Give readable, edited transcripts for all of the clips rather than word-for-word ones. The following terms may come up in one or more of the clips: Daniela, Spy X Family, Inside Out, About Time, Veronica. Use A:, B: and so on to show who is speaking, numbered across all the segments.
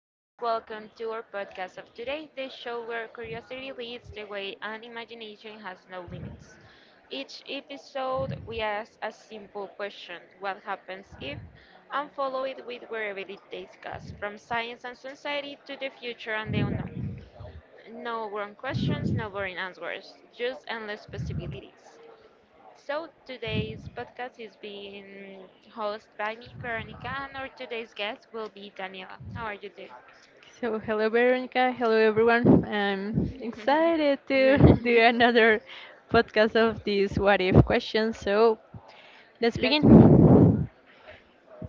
A: us. Welcome to our podcast of today, the show where curiosity leads the way and imagination has no limits. Each episode, we ask a simple question, what happens if? And follow it with wherever it takes us, from science and society to the future and the unknown. No wrong questions, no boring answers, just endless possibilities. So today's podcast is being hosted by me, Veronica, and our today's guest will be Daniela. How are you doing?
B: Hello Veronica, hello everyone. I'm excited to do another podcast of these what if questions. Let's
A: Let's be.
B: begin.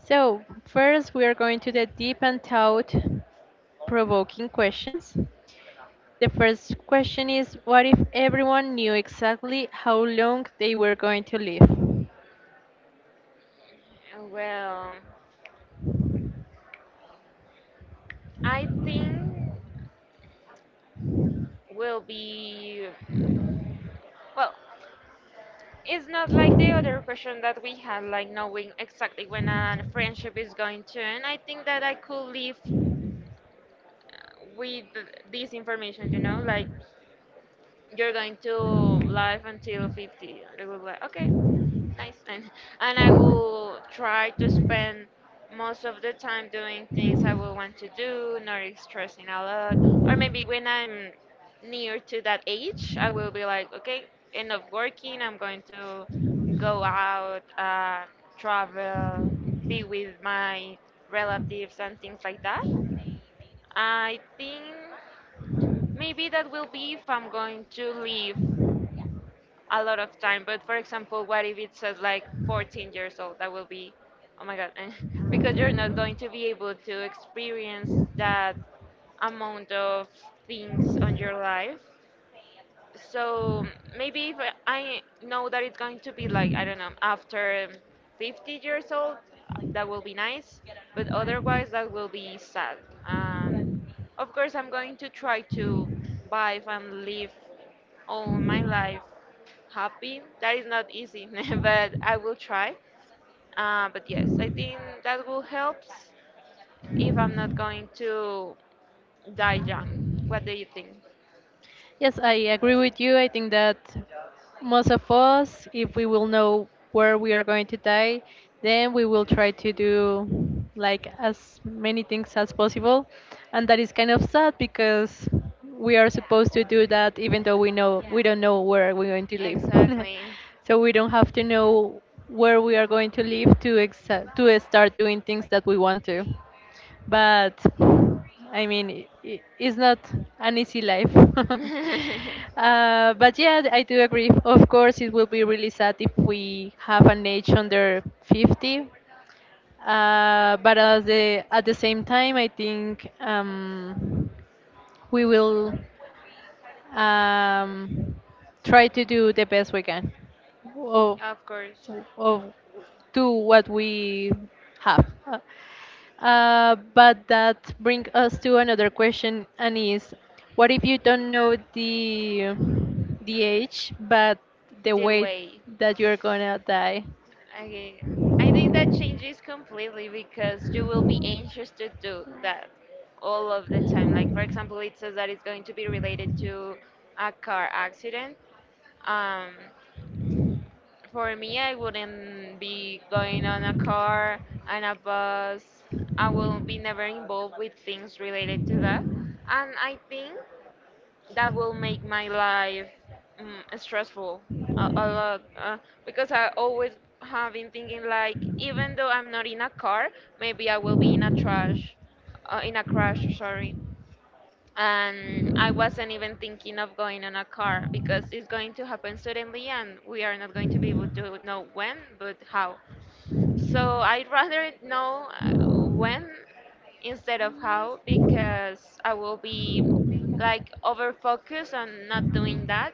B: So, first we are going to the deep and thought provoking questions. The first question is, what if everyone knew exactly how long they were going to live?
A: Well, I think will be. Well, it's not like the other question that we had, like knowing exactly when a friendship is going to end. I think that I could live uh, with this information, you know, like you're going to live until 50. And they will be like, okay, license, and I will try to spend most of the time doing things I will want to do, not stressing a lot. Or maybe when I'm near to that age, I will be like, okay, enough working, I'm going to go out, travel, be with my relatives and things like that. I think maybe that will be if I'm going to leave a lot of time. But for example, what if it says like 14 years old? That will be, oh my God, because you're not going to be able to experience that amount of things on your life. So maybe if I know that it's going to be like, I don't know, after 50 years old, that will be nice. But otherwise, that will be sad. Um, of course, I'm going to try to vibe and live all my life happy. That is not easy, but I will try. But yes, I think that will help if I'm not going to die young. What do you think?
B: Yes, I agree with you. I think that most of us, if we will know where we are going to die, then we will try to do like as many things as possible. And that is kind of sad because we are supposed to do that even though we know we don't know where we're going to live.
A: Exactly.
B: So we don't have to know where we are going to live to to start doing things that we want to, but I mean, it's not an easy life. But yeah, I do agree. Of course, it will be really sad if we have an age under 50. But at the same time, I think, we will, um, try to do the best we can of,
A: Of course.
B: of to what we have. But that brings us to another question, and is, what if you don't know the age, but the
A: The
B: way
A: way.
B: that you're gonna die?
A: Okay. I think that changes completely because you will be anxious to do that all of the time. Like, for example, it says that it's going to be related to a car accident. Um, for me, I wouldn't be going on a car and a bus. I will be never involved with things related to that. And I think that will make my life stressful a lot, because I always have been thinking like, even though I'm not in a car, maybe I will be in a trash, in a crash, sorry, and I wasn't even thinking of going on a car because it's going to happen suddenly and we are not going to be able to know when but how. So I'd rather know when instead of how, because I will be like over focused on not doing that,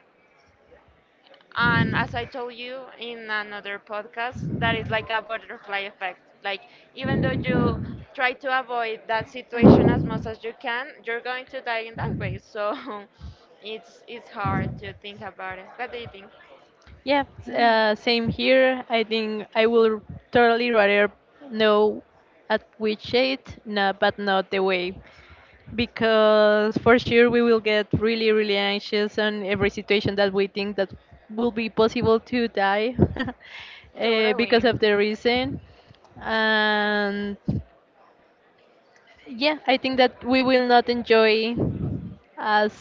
A: and as I told you in another podcast, that is like a butterfly effect. Like, even though you try to avoid that situation as much as you can, you're going to die in that way. So it's hard to think about it. What do you think?
B: Yeah, same here. I think I will totally rather know at which age, no, but not the way, because for sure we will get really really anxious on every situation that we think that will be possible to die because
A: Totally.
B: of the reason. And yeah, I think that we will not enjoy as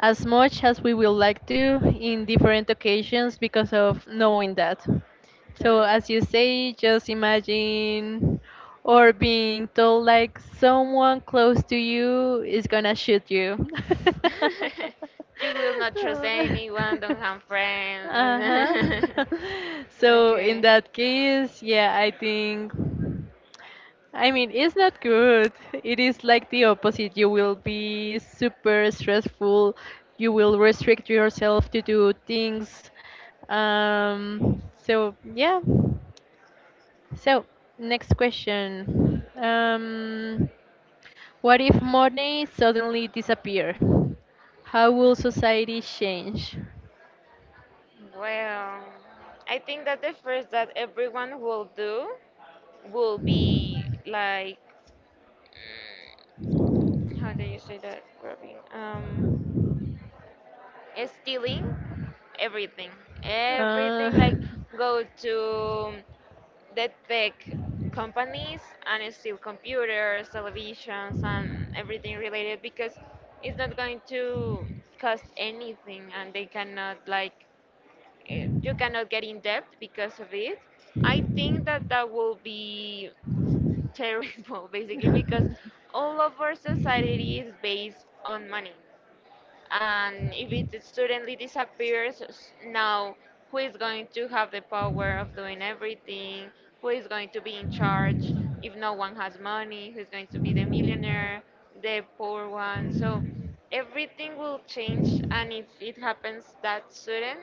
B: much as we would like to in different occasions because of knowing that. So
A: Totally.
B: as you say, just imagine or being told like someone close to you is gonna shoot you.
A: You will not trust anyone, don't have friends.
B: Uh huh. So
A: Okay.
B: in that case, yeah, I think. I mean, it's not good. It is like the opposite. You will be super stressful. You will restrict yourself to do things. So, yeah. So, next question. What if money suddenly disappear? How will society change?
A: Well, I think that the first that everyone will do will be like, mm, how do you say that, Robin? Stealing everything,
B: Uh,
A: everything, like go to the tech companies and steal computers, televisions, and everything related because it's not going to cost anything and they cannot like, you cannot get in debt because of it. I think that will be terrible, basically, because all of our society is based on money. And if it suddenly disappears, s- now who is going to have the power of doing everything? Who is going to be in charge if no one has money? Who's going to be the millionaire, the poor one? So everything will change, and if it happens that sudden,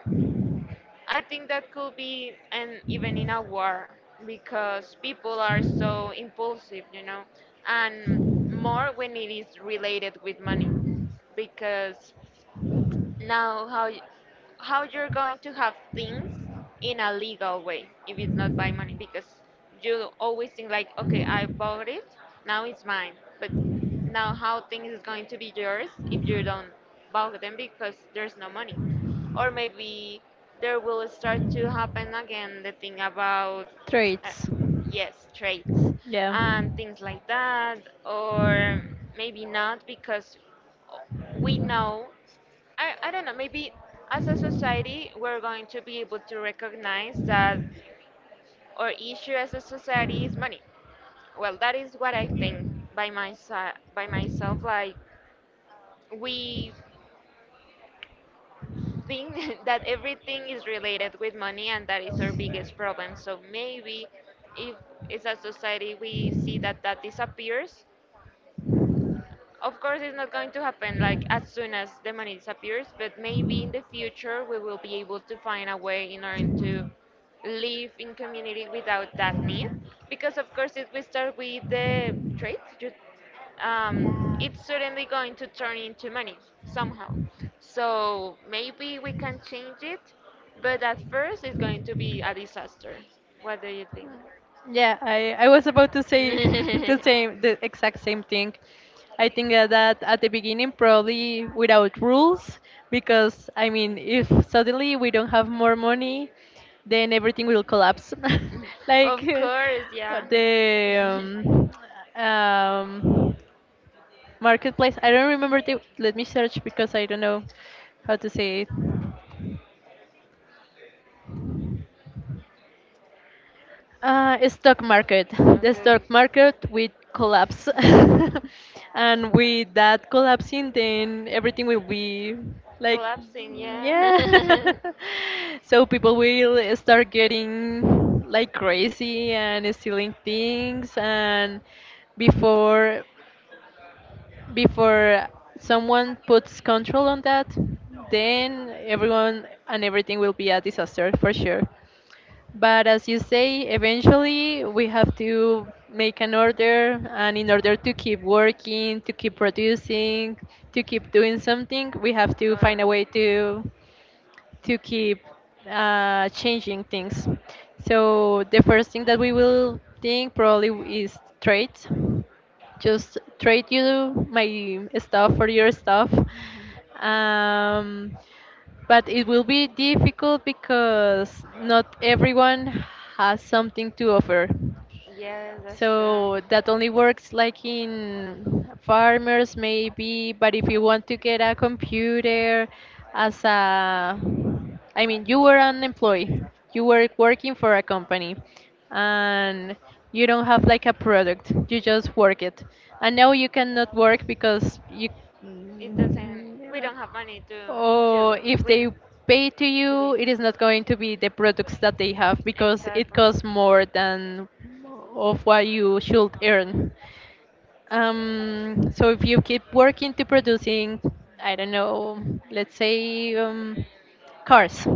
A: I think that could be, and even in a war, because people are so impulsive, you know, and more when it is related with money, because now how you're going to have things in a legal way if it's not by money? Because you always think like, okay, I bought it, now it's mine. But now how things is going to be yours if you don't buy them, because there's no money? Or maybe there will start to happen again the thing about uh,
B: Traits.
A: yes, traits
B: Yeah.
A: and things like that. Or maybe not, because we know, I don't know, maybe as a society, we're going to be able to recognize that our issue as a society is money. Well, that is what I think by myself. Like, we think that everything is related with money, and that is our biggest problem. So maybe if as a society we see that that disappears, of course, it's not going to happen like as soon as the money disappears, but maybe in the future we will be able to find a way in order to live in community without that need. Because of course, if we start with the trade, um, it's certainly going to turn into money somehow. So maybe we can change it, but at first it's going to be a disaster. What do you think?
B: Yeah, I was about to say the same, the exact same thing. I think that at the beginning, probably without rules, because I mean, if suddenly we don't have more money, then everything will collapse.
A: Mm.
B: Like
A: Of course, yeah.
B: the um, marketplace. I don't remember the. Let me search because I don't know how to say it. Stock market. The
A: Okay.
B: stock market will collapse, and with that collapsing, then everything will be like,
A: Collapsing,
B: yeah.
A: yeah.
B: So people will start getting like crazy and stealing things, and before before someone puts control on that, then everyone and everything will be a disaster for sure. But as you say, eventually we have to make an order, and in order to keep working, to keep producing, to keep doing something, we have to find a way
A: Totally.
B: to keep changing things. So the first thing that we will think probably is trade. Just trade you my stuff for your stuff. Um, but it will be difficult because not everyone has something to offer.
A: Yes, that's
B: So that only works
A: true.
B: like in farmers maybe, but if you want to get a computer as a, I mean you were an employee. You were working for a company and you don't have like a product. You just work it. And now you cannot work because you,
A: It doesn't. We don't have money to
B: or if they
A: win
B: pay to
A: the
B: you,
A: game.
B: it is not going to be the products that they have because it
A: Exactly.
B: costs more than of what you should earn. So if you keep working to producing, I don't know, let's say, cars,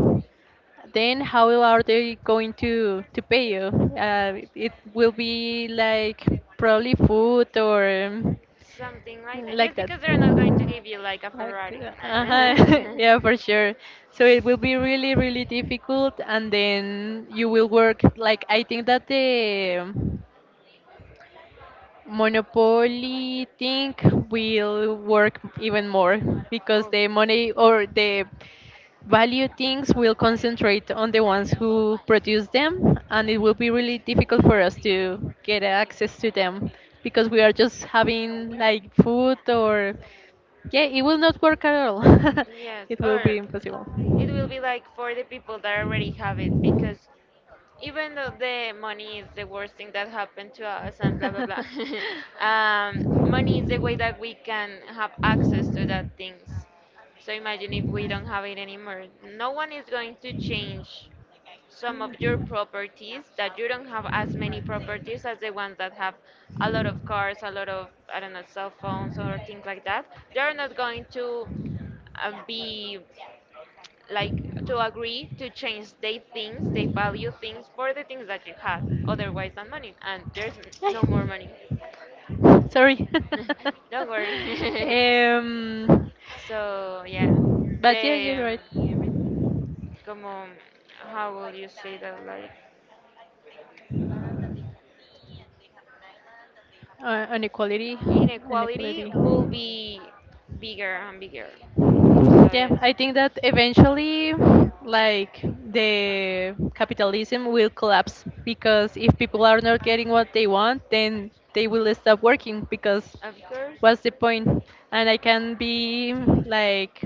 B: then how are they going to pay you? It will be like probably food or,
A: Something like that.
B: like
A: Just
B: that.
A: because they're not going to give you like a
B: Like,
A: Ferrari.
B: uh, yeah, for sure. So it will be really, really difficult, and then you will work. Like, I think that the monopoly thing will work even more because
A: Oh.
B: the money or the value things will concentrate on the ones who produce them, and it will be really difficult for us to get access to them because we are just having like food or, yeah, it will not work at all.
A: Yes,
B: It will
A: or
B: be impossible.
A: it will be like for the people that already have it, because even though the money is the worst thing that happened to us and blah blah blah, um, money is the way that we can have access to that things. So imagine if we don't have it anymore. No one is going to change some of your properties that you don't have as many properties as the ones that have a lot of cars, a lot of, I don't know, cell phones or things like that. They're not going to be like to agree to change they things they value things for the things that you have otherwise than money, and there's
B: Ay,
A: no more money.
B: sorry.
A: Don't worry.
B: um,
A: So yeah,
B: but yeah,
A: the
B: you're right.
A: como how will you say that, like
B: Have inequality,
A: inequality
B: inequality,
A: will be bigger and bigger. So
B: yeah,
A: yes,
B: I think that eventually, like the capitalism will collapse because if people are not getting what they want, then they will stop working because
A: of course.
B: what's the point? And I can be like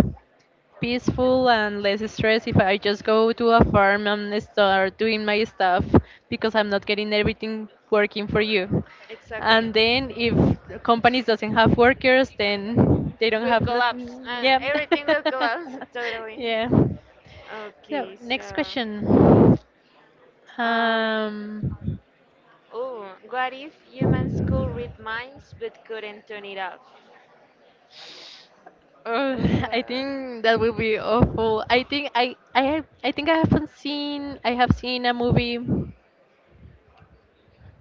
B: peaceful and less stress if I just go to a farm and start doing my stuff because I'm not getting everything working for you.
A: Exactly.
B: And then if companies doesn't have workers, then they don't
A: Will
B: have
A: collapse.
B: nothing. Yeah.
A: Everything will collapse. Totally.
B: Yeah. So
A: Okay, so.
B: next question.
A: Um.
B: Um,
A: Oh, what if humans could read minds but couldn't turn it off?
B: oh, I
A: Uh,
B: think that will be awful. I think I think I haven't seen I have seen a movie.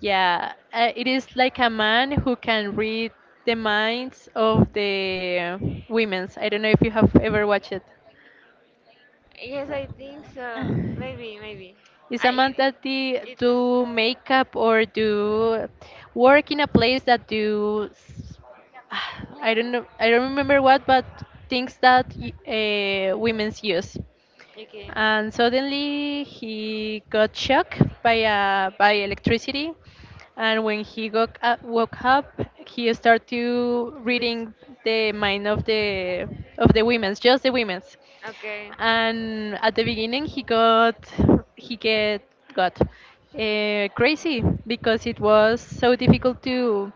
B: Yeah, it is like a man who can read the minds of the women's. I don't know if you have ever watched it.
A: yes, I think so. Maybe, maybe.
B: Is
A: I.
B: a man
A: It,
B: that the,
A: it's.
B: do makeup or do work in a place that do I don't know, I don't remember what, but things that women's use.
A: Okay.
B: And suddenly he got shocked by electricity, and when he got, woke up, he started to reading
A: This
B: the mind of the women's, just the women's.
A: okay.
B: And at the beginning he get got crazy because it was so difficult to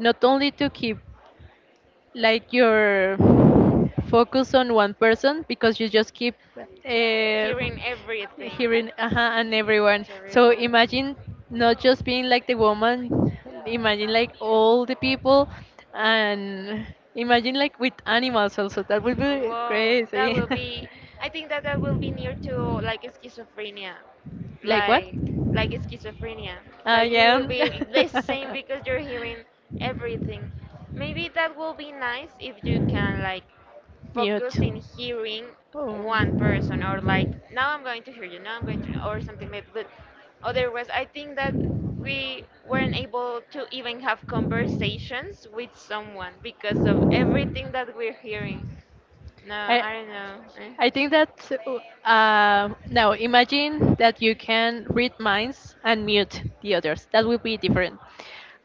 B: not only to keep like your focus on one person because you just keep
A: Hearing everything.
B: hearing and everyone. So
A: Terrible.
B: imagine not just being like the woman, imagine like all the people, and imagine like with animals also. That would be
A: Whoa, that
B: crazy.
A: will be. I think that will be near to like schizophrenia,
B: Like what?
A: like schizophrenia. Like you
B: Yeah.
A: will be the same because you're hearing everything. Maybe that will be nice if you can like focus
B: Mute.
A: in hearing one
B: Oh.
A: person, or like, now I'm going to hear you, now I'm going to, or something like. But otherwise I think that we weren't able to even have conversations with someone because of everything that we're hearing. No,
B: I,
A: I don't know. Eh?
B: I think that, no, imagine that you can read minds and mute the others. That would be different.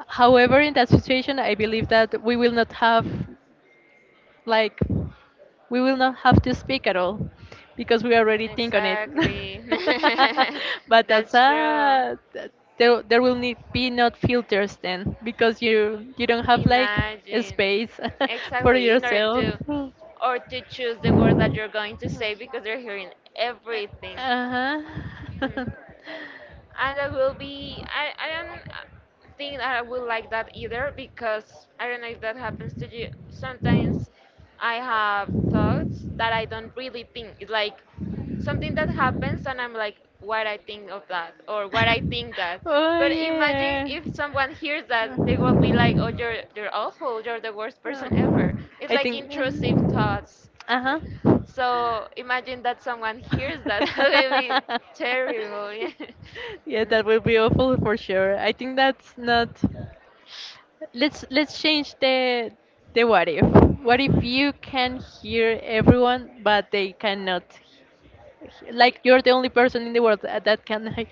B: However, in that situation, I believe that we will not have like, we will not have to speak at all because we already think on it.
A: Exactly.
B: But that's
A: That's true.
B: there will need be not filters then because you don't have like a
A: Imagine.
B: space for
A: Exactly. In order
B: yourself.
A: to or to choose the words that you're going to say because they're hearing everything.
B: Uh
A: Hmm.
B: huh.
A: And I will be, I don't, think that I would like that either, because I don't know if that happens to you. Sometimes I have thoughts that I don't really think. It's like something that happens and I'm like, what I think of that, or what I think that.
B: Oh
A: But imagine
B: yeah.
A: if someone hears that, they will be like, oh, you're awful. You're the worst person
B: Oh.
A: ever. It's
B: I
A: like
B: think.
A: intrusive thoughts.
B: Uh huh.
A: So imagine that someone hears that. That would be terrible. Yeah.
B: Yeah,
A: Mm. Yeah.
B: that will be awful for sure. I think that's not. Let's change the what if. What if you can hear everyone but they cannot, like you're the only person in the world that can like,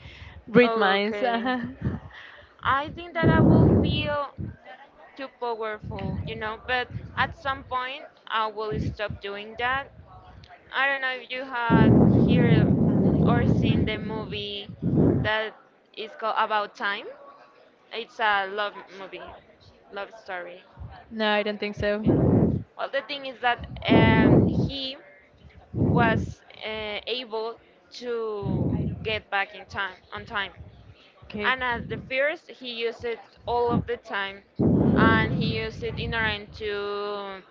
B: read
A: Oh,
B: minds.
A: okay. I think that I will feel too powerful, you know, but at some point I will
B: Uh-huh.
A: stop doing that. I don't know if you had heard or seen the movie that is called About Time. It's a love movie, love story,
B: No, I don't think
A: maybe.
B: so.
A: Well, the thing is that he was able to get back in time on time,
B: Okay.
A: and at the first he used it all of the time, and he used it in order to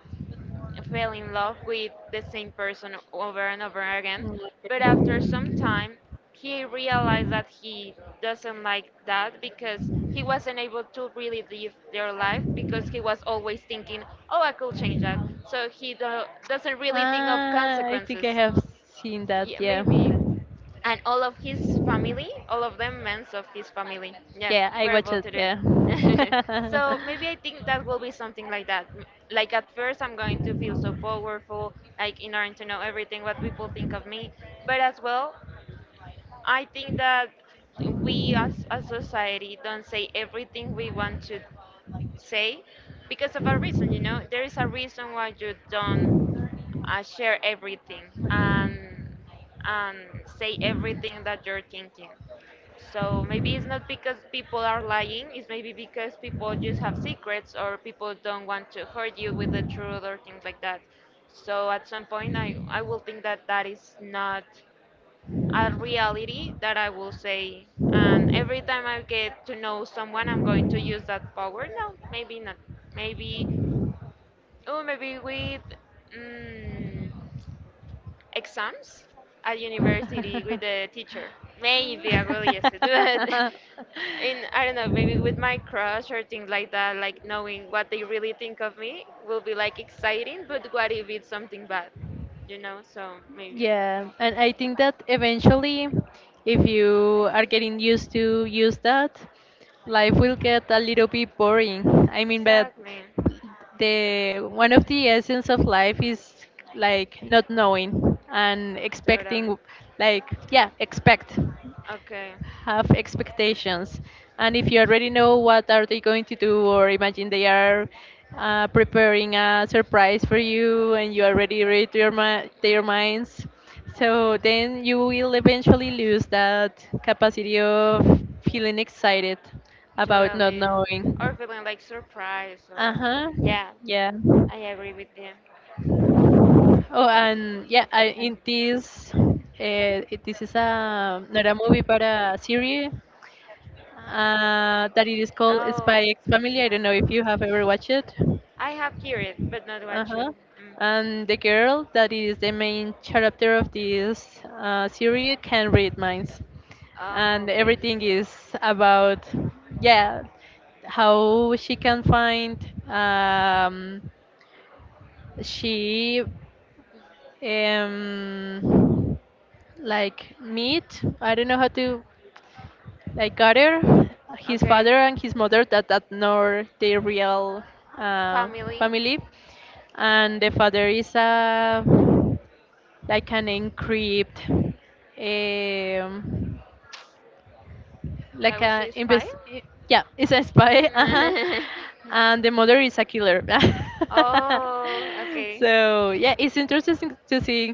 A: fell in love with the same person over and over again,
B: Mm,
A: but after some time, he realized that he doesn't like that because he wasn't able to really live their life
B: okay.
A: because he was always thinking, oh, I could change that. So he doesn't really think of
B: Ah, I think
A: consequences.
B: I have seen that.
A: Yeah,
B: Yeah.
A: maybe, and all of his family, all of them members of his family. Yeah,
B: Yeah, I
A: were
B: watch
A: able
B: it.
A: to do it. So maybe I think that will be something like that. M- Like at first, I'm going to feel so powerful, like in order to know everything what people think of me. But as well, I think that we as a society don't say everything we want to say because of a reason. You know, there is a
B: Yeah.
A: reason why you don't I share everything and and say everything that you're thinking. So maybe it's not because people are lying, it's maybe because people just have secrets or people don't want to hurt you with the truth or things like that. So at some point I will think that that is not a reality that I will say and every time I get to know someone I'm going to use that power. No, maybe not. Maybe oh maybe with mm, exams at university with the teacher. Maybe I will use it, in I don't know, maybe with my crush or things like that, like knowing what they really think of me will be like exciting. But what if it's something bad, you know? So maybe.
B: Yeah, and I think that eventually, if you are getting used to use that, life will get a little bit boring. I mean, but
A: Exactly.
B: the one of the essence of life is like not knowing and
A: Totally.
B: expecting, like yeah, expect,
A: Okay.
B: have expectations, and if you already know what are they going to do, or imagine they are preparing a
A: Yes.
B: surprise for you and you already read their, their minds, so then you will eventually lose that capacity of feeling excited about not
A: Totally. Or
B: knowing.
A: feeling like surprised or
B: Uh-huh.
A: yeah,
B: Yeah.
A: I agree with you.
B: Oh, and yeah, I, in this, this is a not a movie but a series, that it is called
A: Oh,
B: Spy X Family. I don't know if you have ever watched it.
A: I have heard it, but not
B: Uh
A: watched it.
B: huh.
A: Mm.
B: And the girl that is the main character of this series can read minds,
A: Oh,
B: and
A: okay.
B: everything is about, yeah, how she can find, um, she um, like meat. I don't know how to, like Carter, his
A: Okay.
B: father and his mother, that nor their real uh,
A: Family.
B: family, and the father is a, like an encrypt. Um,
A: If I
B: like
A: would
B: a
A: say spy.
B: invest, yeah, it's a spy. Uh-huh.
A: Mm.
B: And the mother is a killer.
A: oh, okay.
B: So yeah, it's interesting to see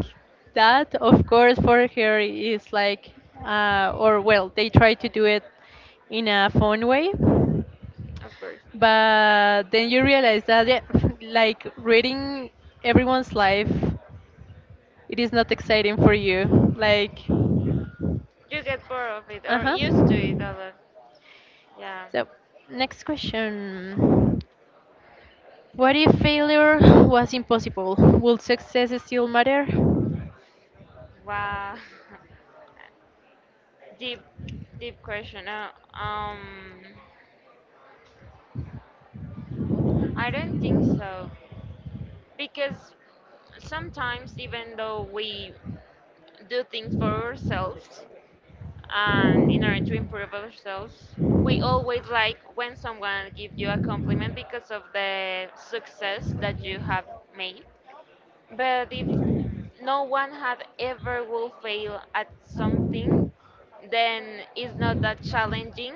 B: that of course for her is like or well, they try to do it in a fun way,
A: Of course.
B: but then you realize that yeah, like reading everyone's life, it is not exciting for you, like,
A: You get bored of it or used to
B: uh-huh.
A: it a lot. Yeah.
B: So next question. What if failure was impossible? Would success still matter?
A: Wow. deep, deep question. Um, I don't think so, because sometimes even though we do things for ourselves and in order to improve ourselves we always like when someone gives you a compliment because of the success that you have made. But if no one had ever will fail at something, then it's not that challenging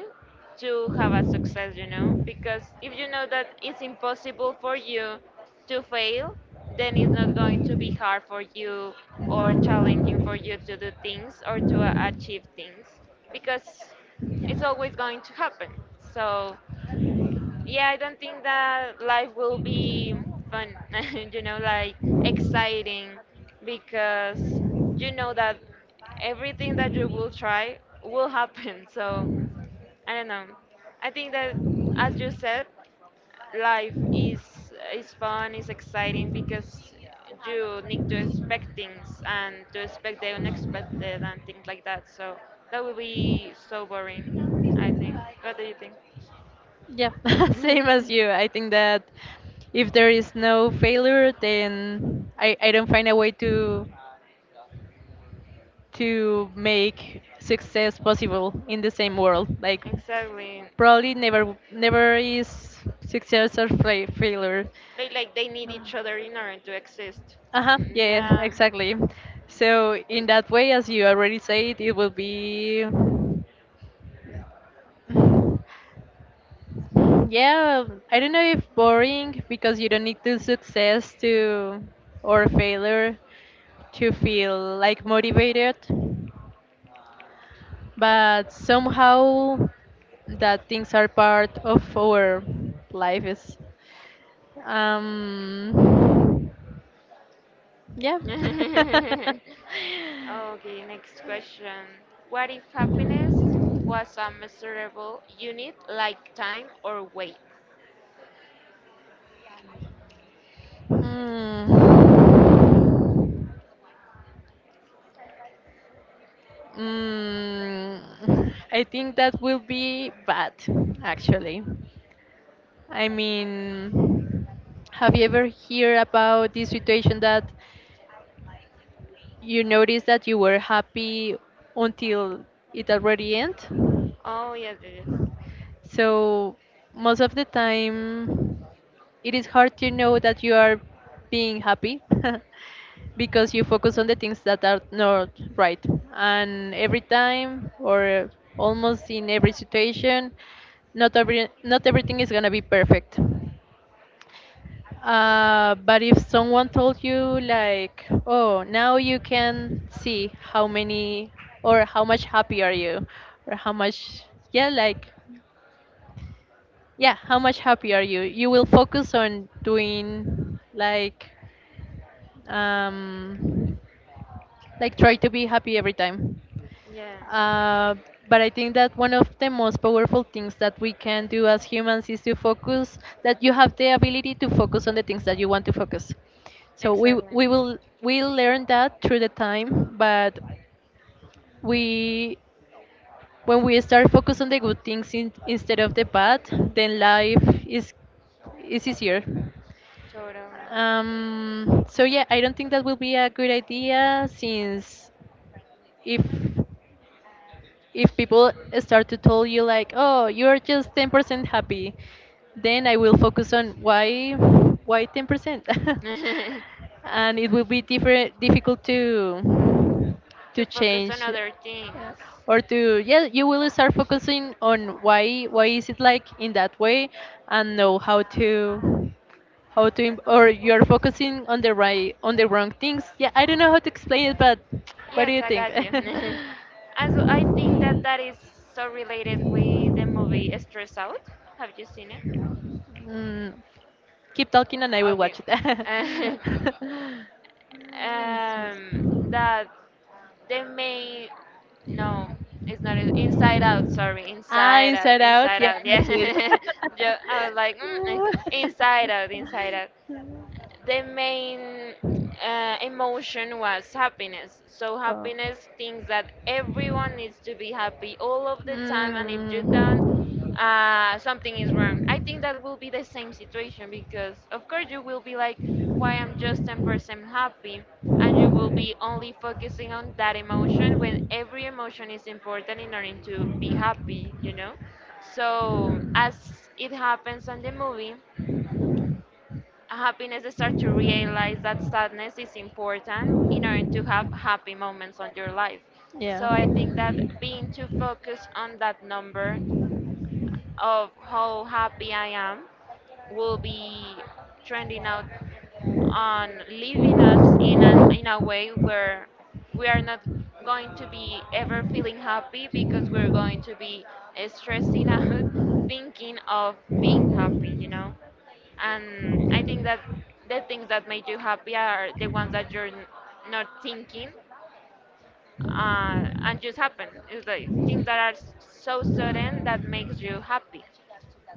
A: to have a success, you know? Because if you know that it's impossible for you to fail, then it's not going to be hard for you or challenging for you to do things or to achieve things because it's always going to happen. So yeah, I don't think that life will be fun, you know, like exciting, because you know that everything that you will try will happen. So, I don't know. I think that as you said, life is fun, is exciting because you need to expect things and to expect the unexpected and things like that. So, that will be so boring, I think. What do you think?
B: Yeah, same as you. I think that if there is no failure, then I don't find a way to make success possible in the same world. Like
A: Exactly.
B: probably never is success or failure.
A: They like they need each other in order to exist.
B: Uh huh. Yeah,
A: Yeah.
B: exactly. So in that way, as you already said, it will be, yeah, I don't know if boring because you don't need to success to, or failure to feel like motivated, but somehow that things are part of our life is, um yeah.
A: okay, next question. What if happiness was a measurable unit like time or weight?
B: Hmm. Mm, I think that will be bad, actually. I mean, have you ever heard about this situation that you noticed that you were happy until it already end?
A: Oh, yes, it is.
B: So most of the time, it is hard to know that you are being happy because you focus on the things that are not right. And every time, or almost in every situation, not everything is gonna be perfect. But if someone told you like, oh, now you can see how many or how much happy are you, or how much, yeah, like, yeah, how much happy are you? You will focus on doing um, like try to be happy every time.
A: Yeah.
B: Uh, but I think that one of the most powerful things that we can do as humans is to focus, that you have the ability to focus on the things that you want to focus. So we
A: Exactly.
B: will we learn that through the time, but we when we start focus on the good things instead of the bad, then life is easier.
A: Totally.
B: So yeah, I don't think that will be a good idea since if if people start to tell you like, oh, you're just 10% happy, then I will focus on why 10%. And it will be different difficult to
A: to focus on
B: change,
A: other things.
B: or to, yeah, you will start focusing on why is it like in that way, and know how to im- or you're focusing on the right on the wrong things. Yeah, I don't know how to explain it, but what do
A: Yes,
B: you
A: I
B: think?
A: got you. And so I think that that is so related with the movie Stress Out. Have you seen it?
B: Mm. Keep talking and I will
A: Okay.
B: watch it.
A: um, that they may
B: Yes,
A: no, it's not it- Inside Out.
B: yes.
A: Sorry,
B: Ah,
A: Inside Out,
B: Inside Out.
A: Inside
B: Yeah,
A: Out.
B: I
A: Yeah,
B: have seen it.
A: Jo- I was like mm, eh, Inside Out, Inside Out. The main emotion was happiness. So
B: Oh.
A: happiness thinks that everyone needs to be happy all of the time, and if you don't, something is wrong. I think that will be the same situation because, of course, you will be like, "Why I'm just
B: Mm.
A: 10% happy," and you will be only focusing on that emotion when every emotion is important in order to be happy. You know. So as it happens on the movie, Happiness start to realize that sadness is important in order to have happy moments on your life.
B: Yeah.
A: So I think that being too focused on that number of how happy I am
B: In
A: will be trending out on
B: a
A: leaving us in an in a way
B: way where
A: where we
B: are
A: are not going
B: not
A: to be ever
B: going to
A: feeling happy because we're going to be stressing out thinking of being happy, you know, and
B: be as present
A: I
B: as
A: think
B: me.
A: that the things that make you happy are the ones that you're n- not thinking and just happen. It's like things that are s- so sudden that makes you happy.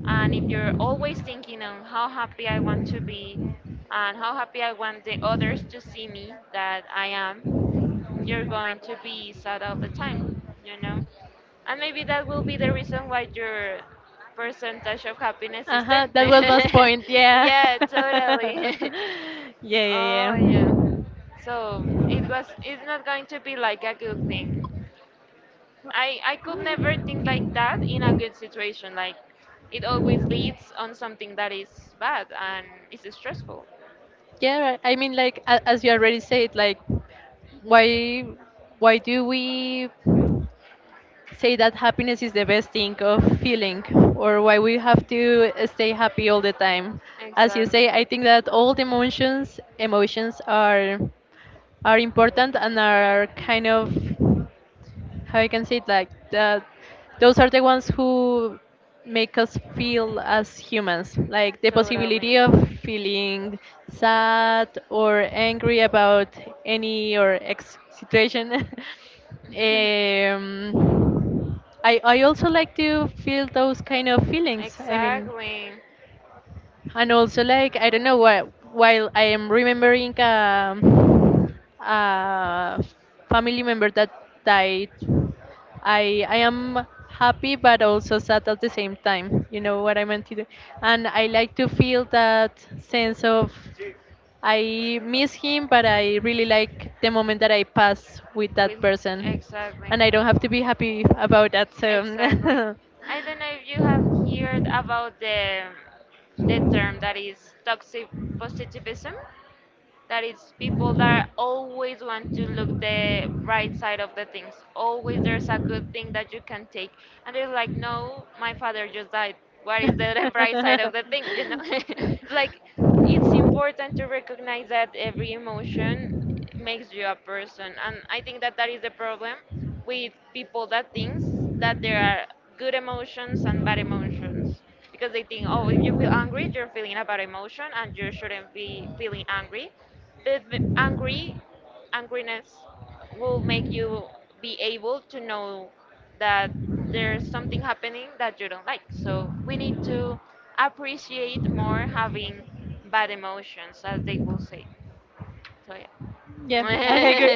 A: And if you're always thinking on how happy I want to be and how happy I want the others to see me that I am, you're going to be sad all the time, you know? And maybe that will be the reason why your percentage of happiness is
B: Uh-huh,
A: 10.
B: that was my point. Yeah.
A: yeah, totally.
B: Yeah, yeah,
A: oh, yeah.
B: yeah.
A: So it was, it's not going to be like a good thing. I could never think like that in a good situation. Like, it always leads on something that is bad and is stressful.
B: Yeah, I mean, like as you already said, like why why do we say that happiness is the best thing of feeling, or why we have to stay happy all the time? As you
A: Exactly.
B: say, I think that all the emotions are important, and are kind of, how you can say it, like that those are the ones who make us feel as humans like the possibility of feeling sad or angry about any or ex situation. um, I also like to feel those kind of feelings, I mean,
A: Exactly.
B: and also like, I don't know what, while I am remembering, a family member that died, I am happy but also sad at the same time. You know what I meant to do, and I like to feel that sense of, I miss him, but I really like the moment that I pass with
A: That
B: that
A: With person feels
B: person,
A: exactly.
B: and I don't have to be happy about that.
A: Exactly.
B: So.
A: I don't know if you have heard about the term that is toxic positivism. That is people that always want to look the bright side of the things. Always there's a good thing that you can take. And they're like, no, my father just died. What is the, the bright side of the thing, you know? like, it's important to recognize that every emotion makes you a person. And I think that that is the problem with people that thinks that there are good emotions and bad emotions, because they think oh if you feel angry you're feeling a bad emotion and you shouldn't be feeling angry, but the angry angriness will make you be able to know that there's something happening that you don't like, so we need to appreciate more having bad emotions as they will say. So yeah.
B: Yeah,
A: so
B: I agree.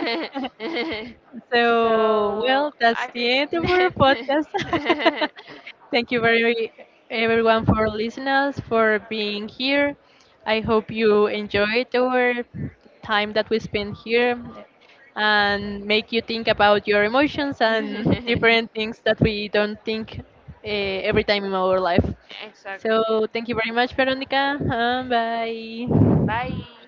B: So, well, that's
A: I think
B: the end of our podcast. Thank you very everyone for listening us, for being here. I hope you enjoyed our time that we spent here and make you think about your emotions and different things that we don't think uh, every time in our life.
A: exactly.
B: So, thank you very much, Veronica. And bye.
A: Bye.